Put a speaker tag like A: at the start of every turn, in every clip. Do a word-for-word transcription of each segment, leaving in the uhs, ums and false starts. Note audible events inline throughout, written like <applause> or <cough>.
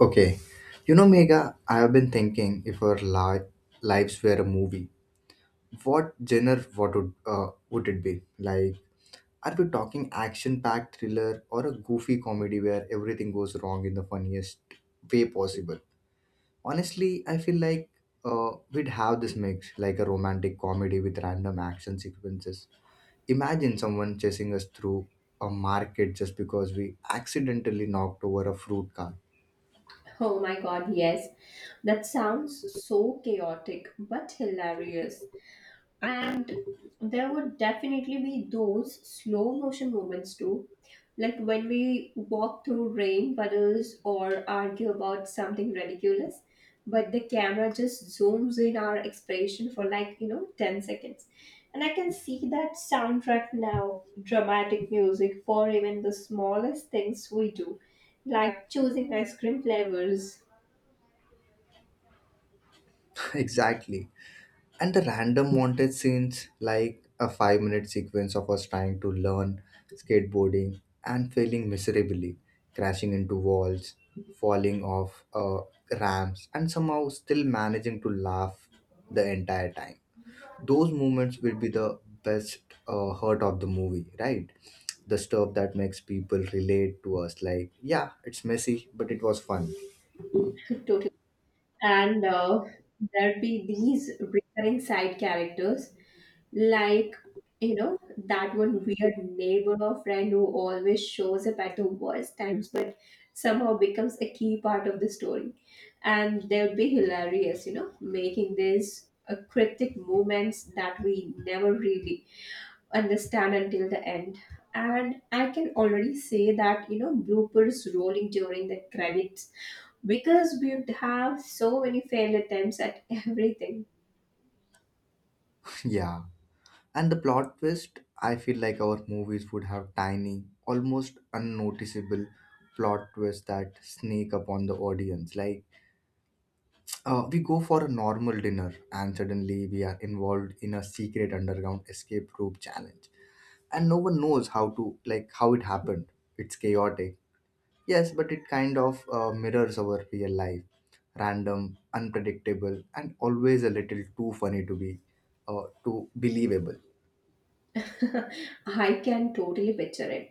A: Okay. You know, Mega, I have been thinking if our li- lives were a movie, what genre what would, uh, would it be? Like, are we talking action packed thriller or a goofy comedy where everything goes wrong in the funniest way possible? Honestly, I feel like uh, we'd have this mix, like a romantic comedy with random action sequences. Imagine someone chasing us through a market just because we accidentally knocked over a fruit cart.
B: Oh my god, yes. That sounds so chaotic but hilarious. And there would definitely be those slow motion moments too, like when we walk through rain puddles or argue about something ridiculous, but the camera just zooms in our expression for like, you know, ten seconds. And I can see that soundtrack now, dramatic music for even the smallest things we do, like choosing ice cream flavors
A: <laughs> Exactly. And the random wanted scenes like a five minute sequence of us trying to learn skateboarding and failing miserably, crashing into walls, falling off uh, ramps, and somehow still managing to laugh the entire time. Those moments will be the best uh, hurt of the movie, right? The stuff that makes people relate to us, like, yeah, it's messy but it was fun.
B: totally. And uh, there'd be these recurring side characters, like, you know, that one weird neighbor or friend who always shows up at the worst times, but somehow becomes a key part of the story. And they would be hilarious, you know, making these uh, cryptic moments that we never really understand until the end. And I can already say that, you know, bloopers rolling during the credits because we would have so many failed attempts at <laughs> everything.
A: <laughs> Yeah. And the plot twist, I feel like our movies would have tiny, almost unnoticeable plot twists that sneak upon the audience. Like, uh, we go for a normal dinner and suddenly we are involved in a secret underground escape rope challenge. And no one knows how to, like, how it happened. It's chaotic. Yes, but it kind of uh, mirrors our real life. Random, unpredictable, and always a little too funny to be, uh, too believable.
B: <laughs> I can totally picture it.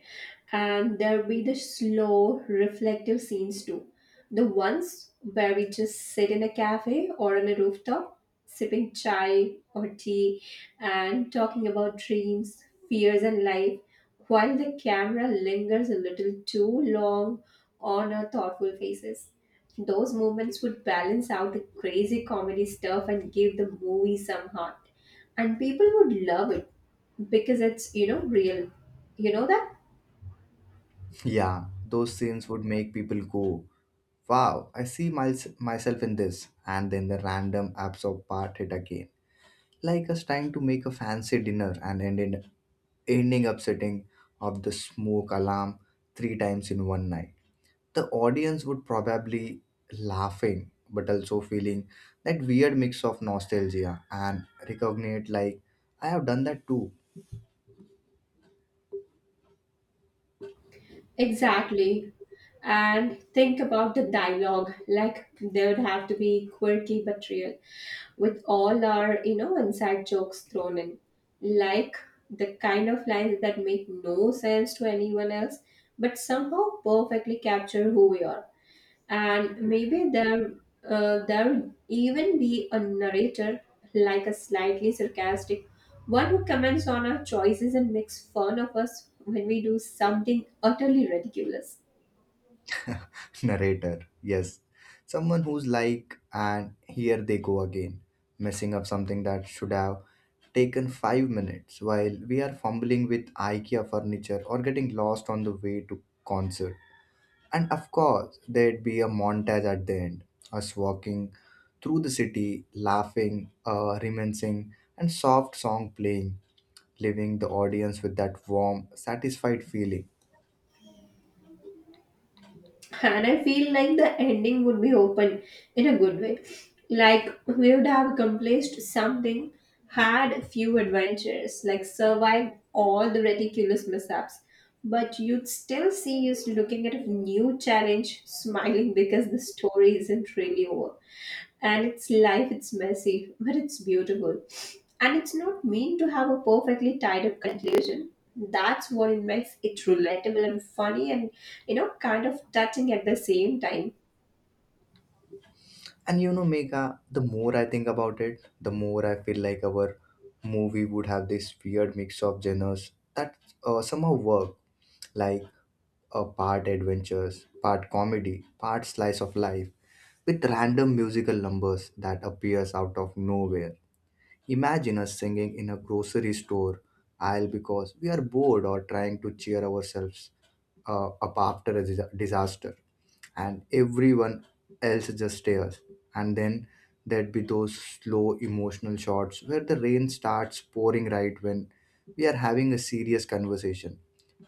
B: And there'll be the slow, reflective scenes too. The ones where we just sit in a cafe or on a rooftop, sipping chai or tea and talking about dreams, fears, and life, while the camera lingers a little too long on our thoughtful faces. Those moments would balance out the crazy comedy stuff and give the movie some heart. And people would love it because it's, you know, real, you know that.
A: Yeah, those scenes would make people go, wow, I see my, myself in this. And then the random absorb part hit again. Like us trying to make a fancy dinner and ended, ending up setting up the smoke alarm three times in one night. The audience would probably laughing but also feeling that weird mix of nostalgia and recognize, like, I have done that too.
B: Exactly. And think about the dialogue, like they would have to be quirky but real with all our, you know, inside jokes thrown in, like the kind of lines that make no sense to anyone else but somehow perfectly capture who we are. And maybe there uh, there would even be a narrator, like a slightly sarcastic one who comments on our choices and makes fun of us when we do something utterly ridiculous.
A: <laughs> Narrator, yes. Someone who's like, and here they go again, messing up something that should have taken five minutes while we are fumbling with IKEA furniture or getting lost on the way to concert. And of course, there'd be a montage at the end, us walking through the city, laughing, uh, reminiscing, and soft song playing, leaving the audience with that warm, satisfied feeling.
B: And I feel like the ending would be open in a good way, like we would have accomplished something, had few adventures, like survived all the ridiculous mishaps, but you'd still see us looking at a new challenge smiling because the story isn't really over. And it's life, it's messy but it's beautiful, and it's not mean to have a perfectly tied up conclusion. That's what it makes it relatable and funny and, you know, kind of touching at the same time.
A: And you know, Megha, the more I think about it, the more I feel like our movie would have this weird mix of genres that uh, somehow work, like a part adventures, part comedy, part slice of life, with random musical numbers that appears out of nowhere. Imagine us singing in a grocery store aisle because we are bored or trying to cheer ourselves uh, up after a dis- disaster, and everyone else just stares. And then there'd be those slow emotional shots where the rain starts pouring right when we are having a serious conversation,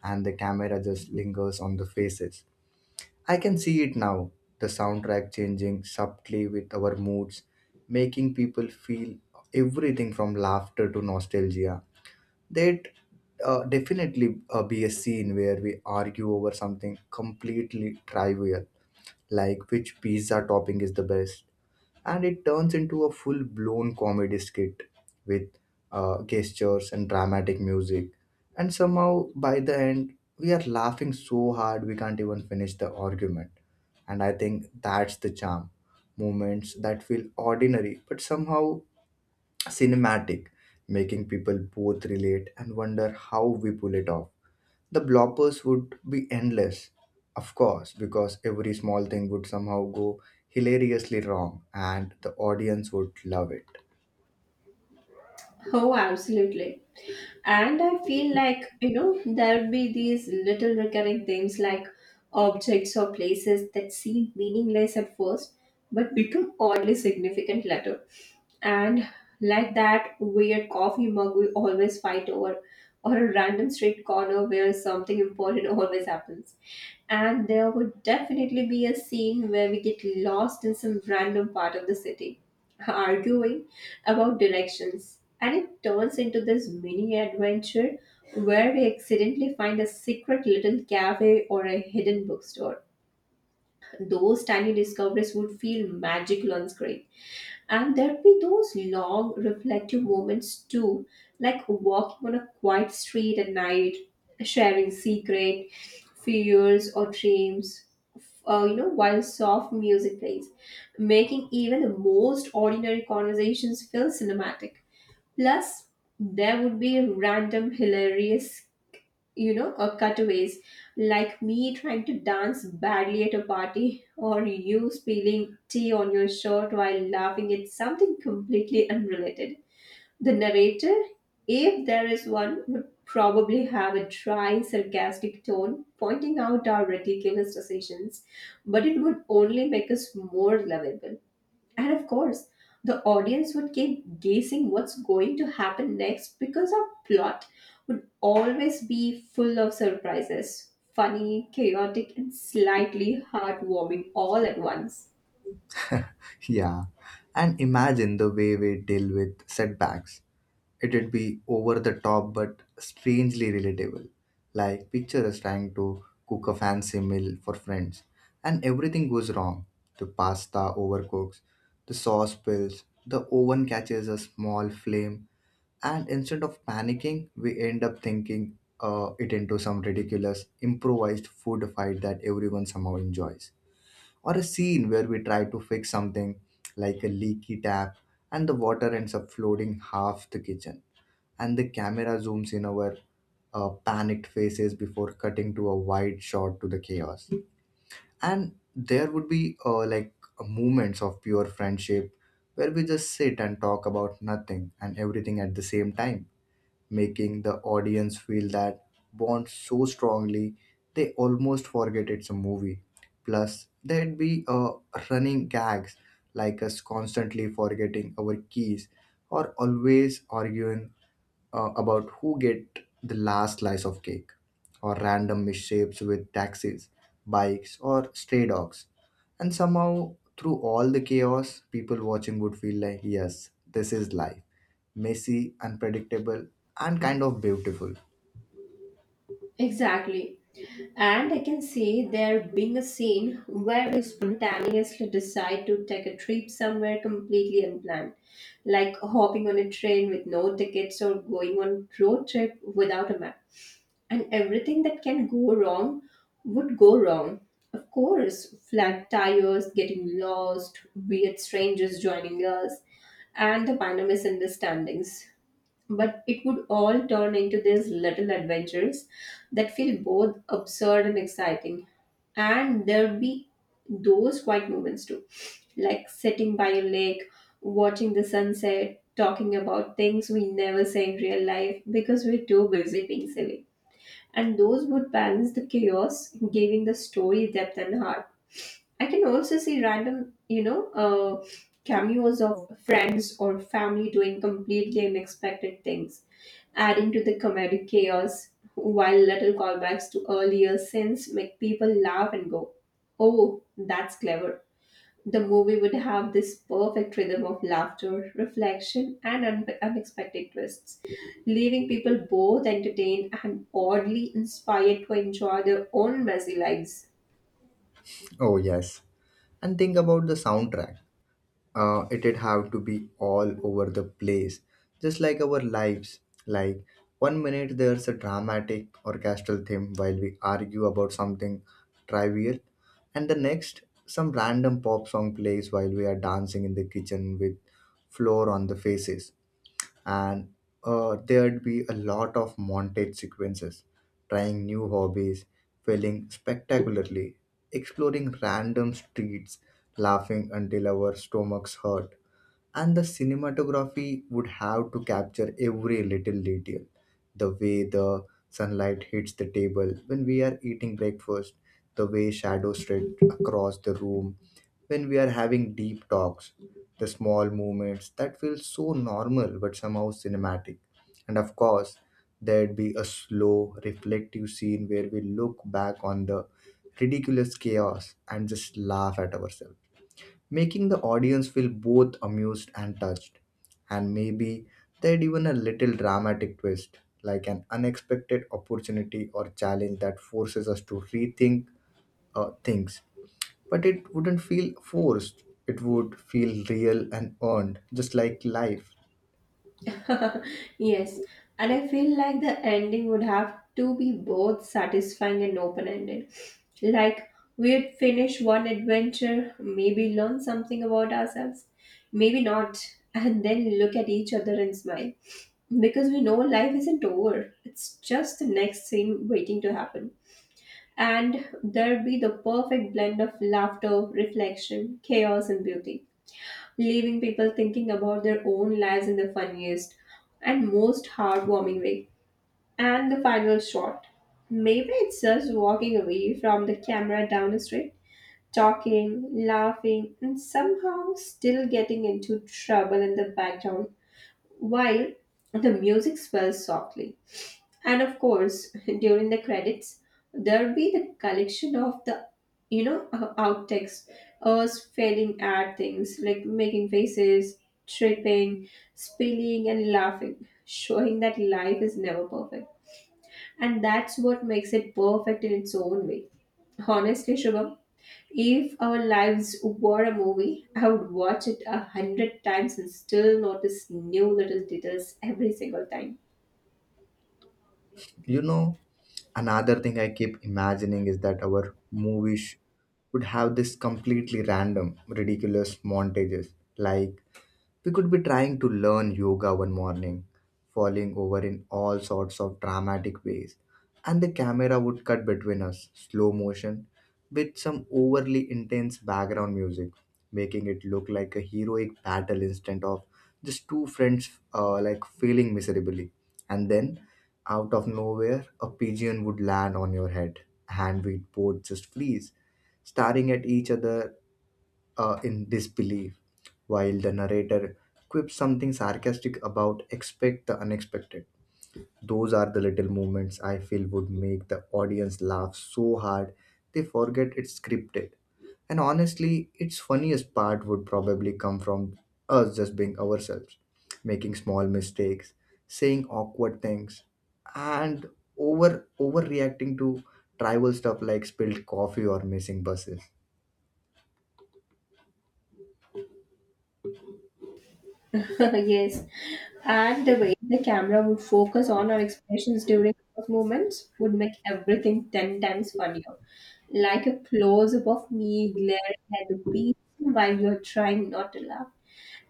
A: and the camera just lingers on the faces. I can see it now, the soundtrack changing subtly with our moods, making people feel everything from laughter to nostalgia. There'd uh, definitely uh, be a scene where we argue over something completely trivial, like which pizza topping is the best, and it turns into a full blown comedy skit with uh, gestures and dramatic music. And somehow, by the end, we are laughing so hard we can't even finish the argument. And I think that's the charm, moments that feel ordinary but somehow cinematic, making people both relate and wonder how we pull it off. The bloppers would be endless, of course, because every small thing would somehow go hilariously wrong and the audience would love it. <laughs>
B: Oh, absolutely. And I feel like, you know, there would be these little recurring things, like objects or places that seem meaningless at first, but become oddly significant later. And like that weird coffee mug we always fight over, or a random street corner where something important <laughs> always happens. And there would definitely be a scene where we get lost in some random part of the city, arguing about directions, and it turns into this mini adventure where we accidentally find a secret little cafe or a hidden bookstore. Those tiny discoveries would feel magical on screen. And there'd be those long reflective moments too, like walking on a quiet street at night, sharing secret fears or dreams, uh, you know, while soft music plays, making even the most ordinary conversations feel cinematic. Plus, there would be random hilarious, you know, uh, cutaways, like me trying to dance badly at a party or you spilling tea on your shirt while laughing at something completely unrelated. The narrator, if there is one, would probably have a dry, sarcastic tone pointing out our ridiculous decisions, but it would only make us more lovable. And of course, the audience would keep guessing what's going to happen next because our plot would always be full of surprises, funny, chaotic, and slightly heartwarming all at once.
A: Yeah, and imagine the way we deal with setbacks. It'd be over the top but strangely relatable. Like, picture us trying to cook a fancy meal for friends, and everything goes wrong. The pasta overcooks, the sauce spills, the oven catches a small flame. And instead of panicking, we end up thinking uh, it into some ridiculous improvised food fight that everyone somehow enjoys. Or a scene where we try to fix something, like a leaky tap, and the water ends up flooding half the kitchen. And the camera zooms in our uh, panicked faces before cutting to a wide shot to the chaos. And there would be uh, like moments of pure friendship where we just sit and talk about nothing and everything at the same time, making the audience feel that bond so strongly they almost forget it's a movie. Plus, there'd be uh, running gags like us constantly forgetting our keys, or always arguing uh, about who get the last slice of cake, or random misshapes with taxis, bikes, or stray dogs. And somehow, through all the chaos, people watching would feel like, yes, this is life, messy, unpredictable, and kind of beautiful.
B: Exactly. And I can see there being a scene where we spontaneously decide to take a trip somewhere completely unplanned, like hopping on a train with no tickets or going on road trip without a map. And everything that can go wrong would go wrong. Of course, flat tires, getting lost, weird strangers joining us, and the minor misunderstandings. But it would all turn into these little adventures that feel both absurd and exciting. And there'd be those quiet moments too, like sitting by a lake, watching the sunset, talking about things we never say in real life because we're too busy being silly. And those would balance the chaos, giving the story depth and heart. I can also see random, you know, uh, cameos of friends or family doing completely unexpected things, adding to the comedic chaos, while little callbacks to earlier scenes make people laugh and go, oh, that's clever. The movie would have this perfect rhythm of laughter, reflection, and un- unexpected twists, leaving people both entertained and oddly inspired to enjoy their own messy lives.
A: Oh, yes. And think about the soundtrack. Uh, it'd have to be all over the place, just like our lives. Like, one minute there's a dramatic orchestral theme while we argue about something trivial, and the next, some random pop song plays while we are dancing in the kitchen with flour on the faces. And uh, there'd be a lot of montage sequences, trying new hobbies, failing spectacularly, exploring random streets, laughing until our stomachs hurt. And the cinematography would have to capture every little detail, the way the sunlight hits the table when we are eating breakfast, the way shadows stretch across the room when we are having deep talks, the small moments that feel so normal but somehow cinematic. And of course, there'd be a slow reflective scene where we look back on the ridiculous chaos and just laugh at ourselves, making the audience feel both amused and touched. And maybe they'd even a little dramatic twist, like an unexpected opportunity or challenge that forces us to rethink uh, things. But it wouldn't feel forced, it would feel real and earned, just like life.
B: <laughs> Yes, and I feel like the ending would have to be both satisfying and open ended. Like, we'd finish one adventure, maybe learn something about ourselves, maybe not, and then look at each other and smile. Because we know life isn't over, it's just the next scene waiting to happen. And there'd be the perfect blend of laughter, reflection, chaos, and beauty, leaving people thinking about their own lives in the funniest and most heartwarming way. And the final shot. Maybe it's us walking away from the camera down the street, talking, laughing, and somehow still getting into trouble in the background while the music swells softly. And of course <laughs> during the credits, there'll be the collection of the you know uh, outtakes, us failing at things like making faces, tripping, spilling, and laughing, showing that life is never perfect, and that's what makes it perfect in its own way. Honestly, Shubham, if our lives were a movie, I would watch it a hundred times and still notice new little details every single time.
A: You know, another thing I keep imagining is that our movies would have this completely random, ridiculous montages, like, we could be trying to learn yoga one morning, falling over in all sorts of dramatic ways, and the camera would cut between us, slow motion, with some overly intense background music, making it look like a heroic battle instead of just two friends uh, like failing miserably. And then, out of nowhere, a pigeon would land on your head, and we'd both just freeze, staring at each other uh, in disbelief, while the narrator quips something sarcastic about expect the unexpected. Those are the little moments I feel would make the audience laugh so hard they forget it's scripted. And honestly, its funniest part would probably come from us just being ourselves, making small mistakes, saying awkward things, and over overreacting to trivial stuff like spilled coffee or missing buses.
B: <laughs> Yes, and the way the camera would focus on our expressions during those moments would make everything ten times funnier. Like a close up of me glaring at the beach while you're trying not to laugh,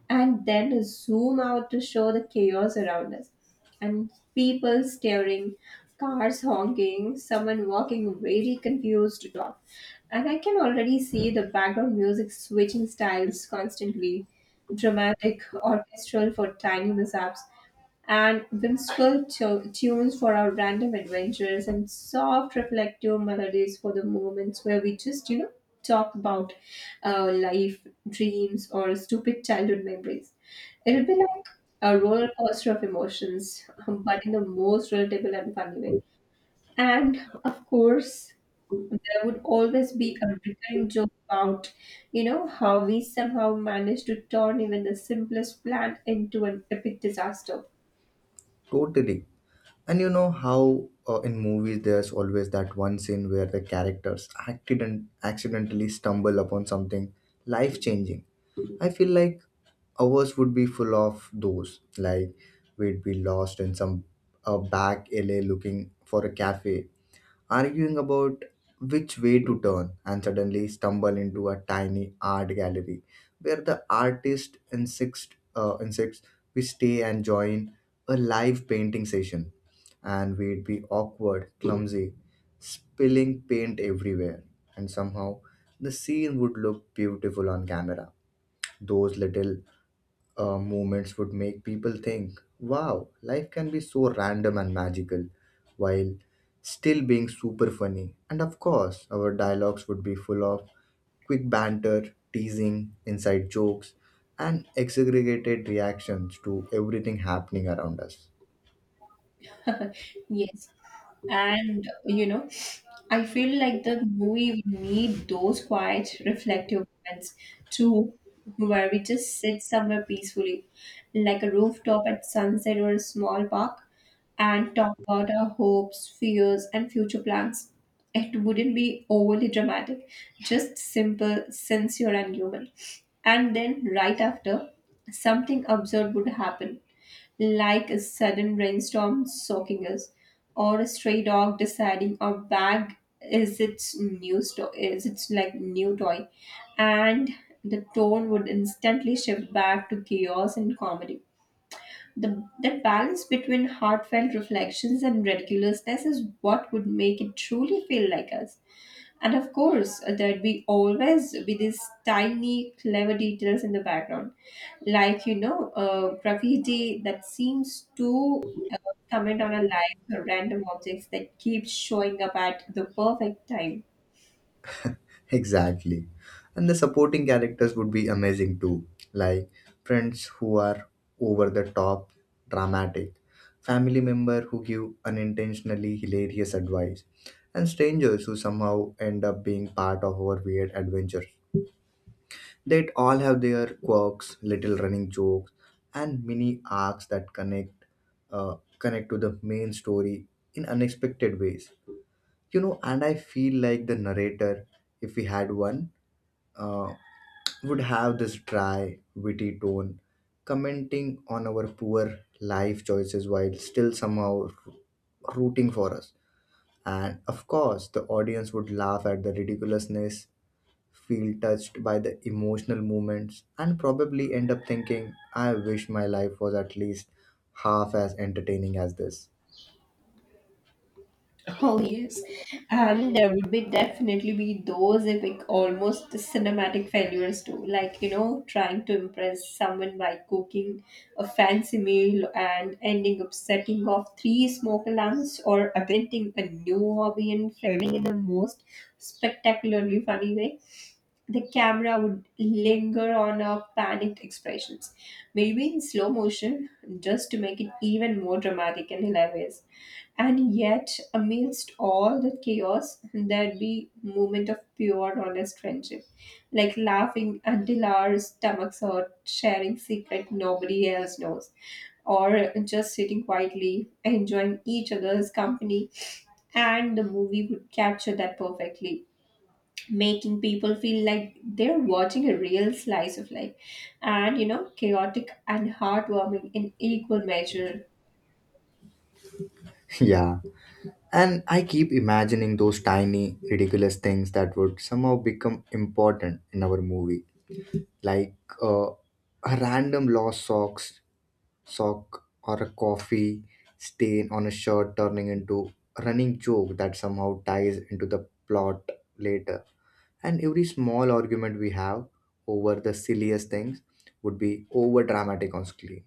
B: and then zoom out to show the chaos around us. And people staring, cars honking, someone walking very confused to talk. And I can already see the background music switching styles constantly, dramatic, orchestral for tiny mishaps, and whimsical tu- tunes for our random adventures, and soft reflective melodies for the moments where we just, you know, talk about uh, life, dreams, or stupid childhood memories. It'll be like a roller coaster of emotions, um, but in the most relatable and funny way. And of course, there would always be a recurring joke about, you know, how we somehow managed to turn even the simplest plan into an epic disaster.
A: Totally. And you know how uh, in movies there's always that one scene where the characters accident accidentally stumble upon something life changing. I feel like ours would be full of those. Like, we'd be lost in some a back alley looking for a cafe, arguing about which way to turn and suddenly stumble into a tiny art gallery where the artist insists uh, insists we stay and join a live painting session, and we'd be awkward, clumsy, spilling paint everywhere, and somehow the scene would look beautiful on camera. Those little uh, moments would make people think, wow, life can be so random and magical, while still being super funny. And of course, our dialogues would be full of quick banter, teasing, inside jokes, and exaggerated reactions to everything happening around us.
B: <laughs> Yes. And you know, I feel like the movie would need those quiet, reflective moments too, where we just sit somewhere peacefully, like a rooftop at sunset or a small park, and talk about our hopes, fears, and future plans. It wouldn't be overly dramatic, just simple, sincere, and human. And then, right after, something absurd would happen, like a sudden rainstorm soaking us, or a stray dog deciding our bag is its new sto- is its like new toy, and the tone would instantly shift back to chaos and comedy. The that balance between heartfelt reflections and ridiculousness is what would make it truly feel like us. And of course, there'd be always be these tiny, clever details in the background, like you know, uh, graffiti that seems to uh, comment on a light or random objects that keep showing up at the perfect time.
A: Exactly. And the supporting characters would be amazing too. Like, friends who are over the top dramatic, family member who give unintentionally hilarious advice, and strangers who somehow end up being part of our weird adventures. They'd all have their quirks, little running jokes, and mini arcs that connect uh, connect to the main story in unexpected ways. You know, and I feel like the narrator, if we had one, uh, would have this dry, witty tone, commenting on our poor life choices while still somehow rooting for us. And of course, the audience would laugh at the ridiculousness, feel touched by the emotional moments, and probably end up thinking, I wish my life was at least half as entertaining as this.
B: Oh yes, and there would be definitely be those epic, almost cinematic failures too. Like you know, trying to impress someone by cooking a fancy meal and ending up setting off three smoke alarms, or inventing a new hobby and failing in the most spectacularly funny way. The camera would linger on our panicked expressions, maybe in slow motion, just to make it even more dramatic and hilarious. And yet, amidst all the chaos, there'd be moment of pure, honest friendship, like laughing until our stomachs hurt, sharing secret nobody else knows, or just sitting quietly, enjoying each other's company. And the movie would capture that perfectly, making people feel like they're watching a real slice of life, and you know, chaotic and heartwarming in equal measure.
A: <laughs> Yeah. And I keep imagining those tiny, ridiculous things that would somehow become important in our movie, like uh, a random lost socks sock or a coffee stain on a shirt turning into a running joke that somehow ties into the plot later. And every small argument we have over the silliest things would be over dramatic on screen,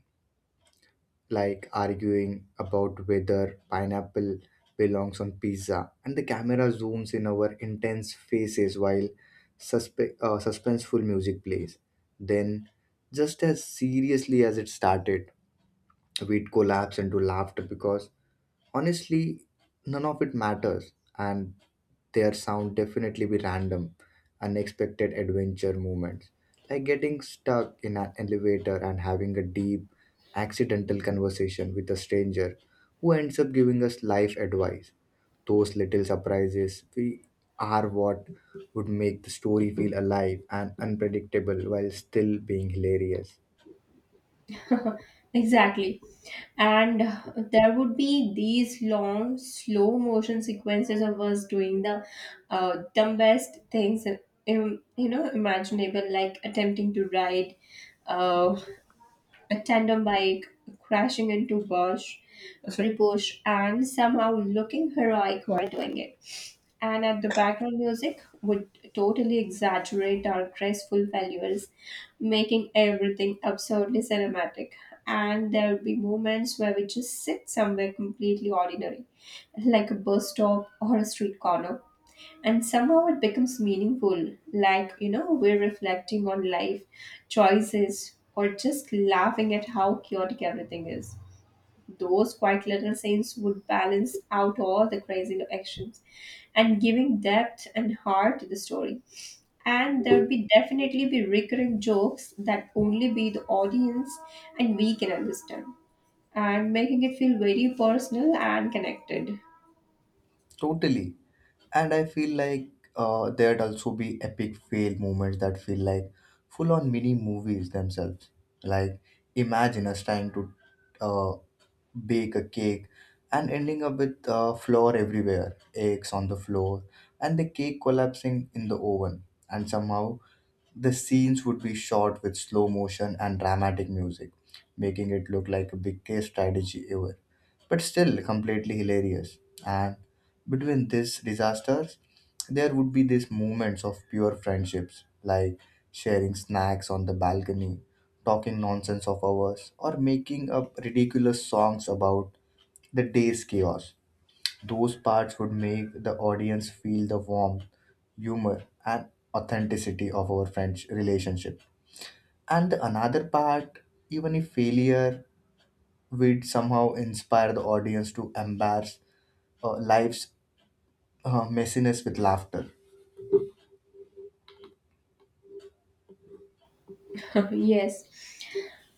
A: like arguing about whether pineapple belongs on pizza, and the camera zooms in our intense faces while suspe- uh, suspenseful music plays. Then, just as seriously as it started, we'd collapse into laughter because honestly none of it matters, and their sound definitely be random unexpected adventure moments, like getting stuck in an elevator and having a deep accidental conversation with a stranger who ends up giving us life advice. Those little surprises we are what would make the story feel alive and unpredictable while still being hilarious.
B: <laughs> Exactly. And uh, there would be these long slow motion sequences of us doing the uh, dumbest things, im- you know, imaginable, like attempting to ride uh, a tandem bike, crashing into bush, sorry, bush, and somehow looking heroic while doing it. And at the background music would totally exaggerate our graceful values, making everything absurdly cinematic. And there would be moments where we just sit somewhere completely ordinary, like a bus stop or a street corner, and somehow it becomes meaningful, like you know, we're reflecting on life, choices, or just laughing at how chaotic everything is. Those quiet little scenes would balance out all the crazy actions and giving depth and heart to the story. And there'd be definitely be recurring jokes that only we, the audience, and we can understand and making it feel very personal and connected.
A: Totally. And I feel like uh, there'd also be epic fail moments that feel like full on mini movies themselves. Like, imagine us trying to uh, bake a cake, and ending up with uh, flour everywhere, eggs on the floor, and the cake collapsing in the oven. And somehow, the scenes would be shot with slow motion and dramatic music, making it look like a biggest strategy ever, but still completely hilarious. And between these disasters, there would be these moments of pure friendships, like sharing snacks on the balcony, talking nonsense of hours, or making up ridiculous songs about the day's chaos. Those parts would make the audience feel the warmth, humor, and authenticity of our French relationship. And the another part, even if failure would somehow inspire the audience to embrace uh, life's uh, messiness with laughter.
B: <laughs> Yes.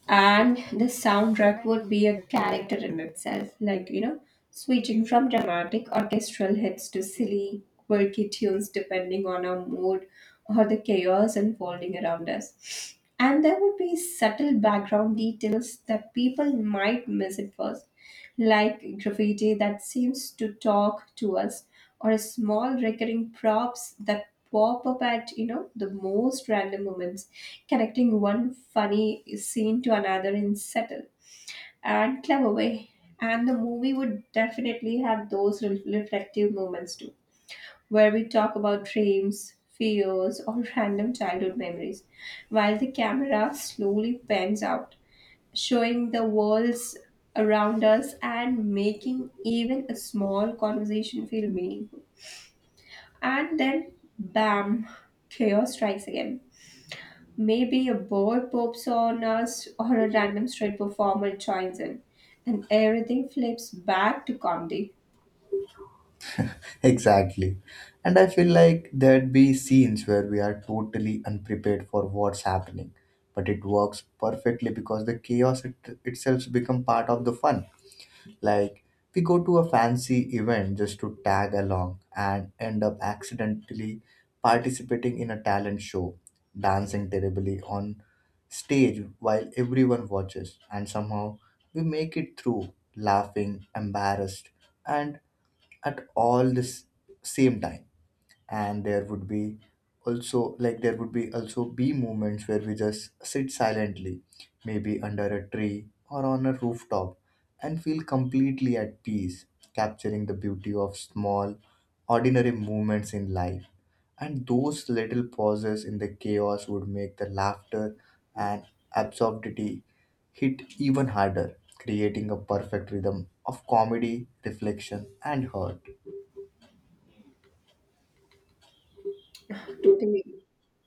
B: And the soundtrack would be a character in itself, like you know, switching from dramatic orchestral hits to silly quirky tunes depending on our mood or the chaos unfolding around us. And there would be subtle background details that people might miss at first, like graffiti that seems to talk to us or small recurring props that pop up at you know the most random moments, connecting one funny scene to another in subtle and clever way. And the movie would definitely have those re- reflective moments too, where we talk about dreams, fears, or <laughs> random childhood memories while the camera slowly pans out, showing the worlds around us and making even a small conversation feel meaningful. And then, bam, chaos strikes again. Maybe a bird pops on us or a random street performer joins in, and everything flips back to comedy. <laughs>
A: Exactly. And I feel like there'd be scenes where we are totally unprepared for what's happening, but it works perfectly because the chaos, it, itself's become part of the fun. Like, we go to a fancy event just to tag along and end up accidentally participating in a talent show, dancing terribly on stage while everyone watches, and somehow we make it through laughing, embarrassed, and at all this same time. And there would be also, like, there would be also be moments where we just sit silently, maybe under a tree or on a rooftop, and feel completely at peace, capturing the beauty of small ordinary moments in life. And those little pauses in the chaos would make the laughter and absurdity hit even harder, creating a perfect rhythm of comedy, reflection, and hurt.
B: Totally.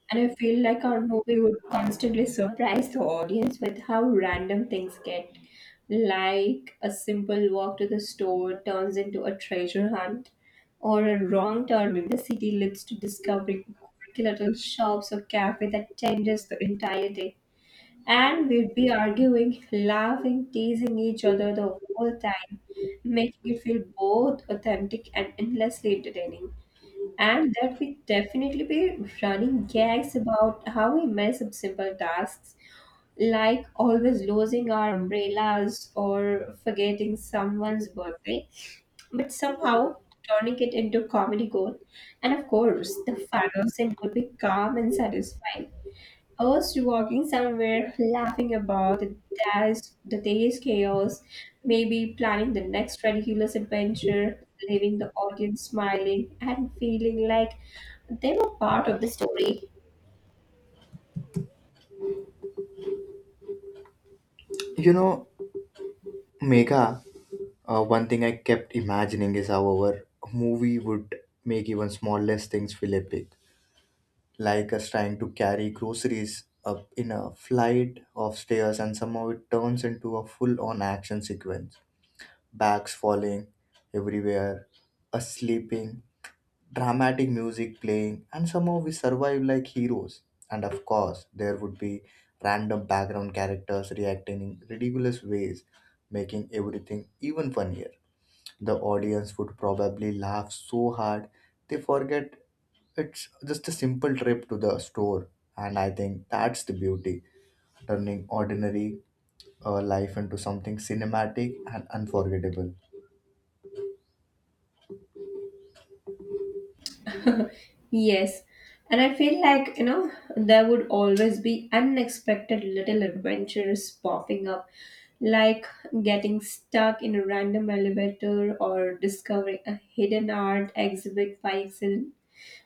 B: And I feel like our movie would constantly surprise the audience with how random things get. Like a simple walk to the store turns into a treasure hunt, or a wrong turn in the city leads to discovering quirky little shops or cafe that changes the entire day. And we'd be arguing, laughing, teasing each other the whole time, making it feel both authentic and endlessly entertaining. And there will definitely be running gags about how we mess up simple tasks, like always losing our umbrellas or forgetting someone's birthday, but somehow turning it into comedy gold. And of course, the final scene would be calm and satisfying. I was walking somewhere laughing about the day's, the day's chaos, maybe planning the next ridiculous adventure, leaving the audience smiling and feeling like they were part of the story.
A: You know, Megha, uh, one thing I kept imagining is how our movie would make even smallest things feel epic, like us trying to carry groceries up in a flight of stairs, and somehow it turns into a full on action sequence. Bags falling everywhere, us sleeping, dramatic music playing, and somehow we survive like heroes. And of course, there would be random background characters reacting in ridiculous ways, making everything even funnier. The audience would probably laugh so hard they forget it's just a simple trip to the store. And I think that's the beauty, turning ordinary uh, life into something cinematic and unforgettable.
B: Yes, and I feel like, you know, there would always be unexpected little adventures popping up, like getting stuck in a random elevator or discovering a hidden art exhibit by accident.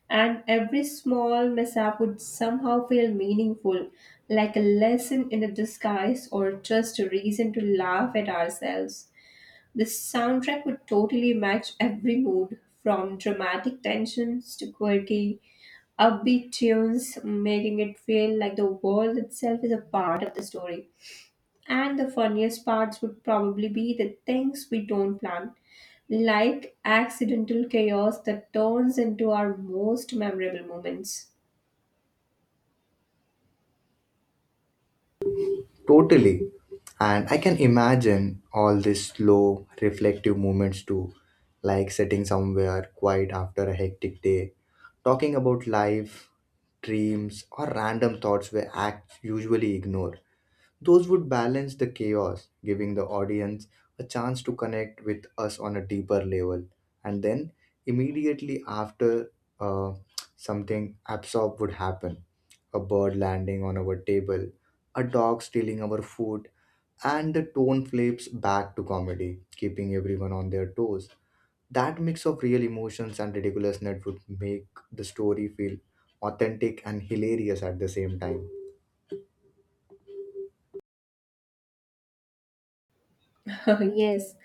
B: And every small mishap would somehow feel meaningful, like a lesson in a disguise or just a reason to laugh at ourselves. The soundtrack would totally match every mood, from dramatic tensions to quirky, upbeat tunes, making it feel like the world itself is a part of the story. And the funniest parts would probably be the things we don't plan, like accidental chaos that turns into our most memorable moments.
A: Totally. And I can imagine all these slow, reflective moments too, like sitting somewhere quiet after a hectic day, talking about life, dreams, or random thoughts we act usually ignore. Those would balance the chaos, giving the audience a chance to connect with us on a deeper level. And then, immediately after, uh, something absurd would happen: a bird landing on our table, a dog stealing our food, and the tone flips back to comedy, keeping everyone on their toes. That mix of real emotions and ridiculousness would make the story feel authentic and hilarious at the same time.
B: <laughs> Yes.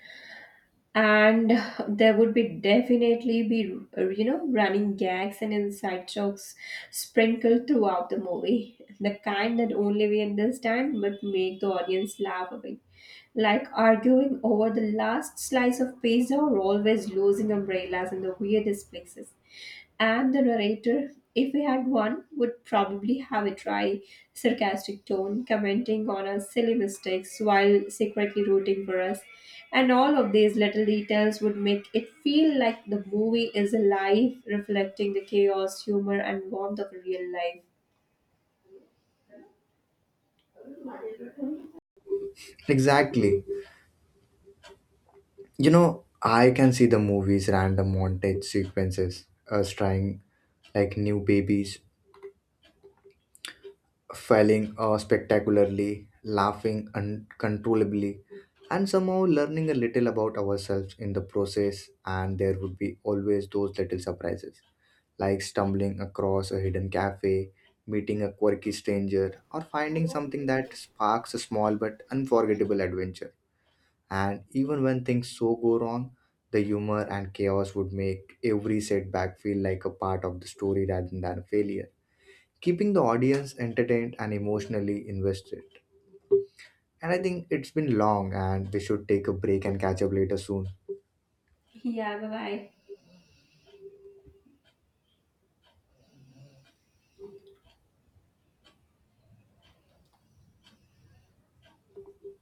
B: And there would be definitely be, uh, you know, running gags and inside jokes sprinkled throughout the movie. The kind that only we understand but make the audience laugh away, like arguing over the last slice of pizza or always losing umbrellas in the weirdest places. And the narrator, if we had one, would probably have a dry, sarcastic tone, commenting on our silly mistakes while secretly rooting for us. And all of these little details would make it feel like the movie is alive, reflecting the chaos, humor, and warmth of real life.
A: Exactly. You know, I can see the movie's random montage sequences, us trying like new babies, failing uh, spectacularly, laughing uncontrollably, and somehow learning a little about ourselves in the process. And there would be always those little surprises, like stumbling across a hidden cafe, meeting a quirky stranger, or finding something that sparks a small but unforgettable adventure. And even when things so go wrong, the humor and chaos would make every setback feel like a part of the story rather than a failure, keeping the audience entertained and emotionally invested. And I think it's been long and we should take a break and catch up later soon.
B: Yeah, bye bye.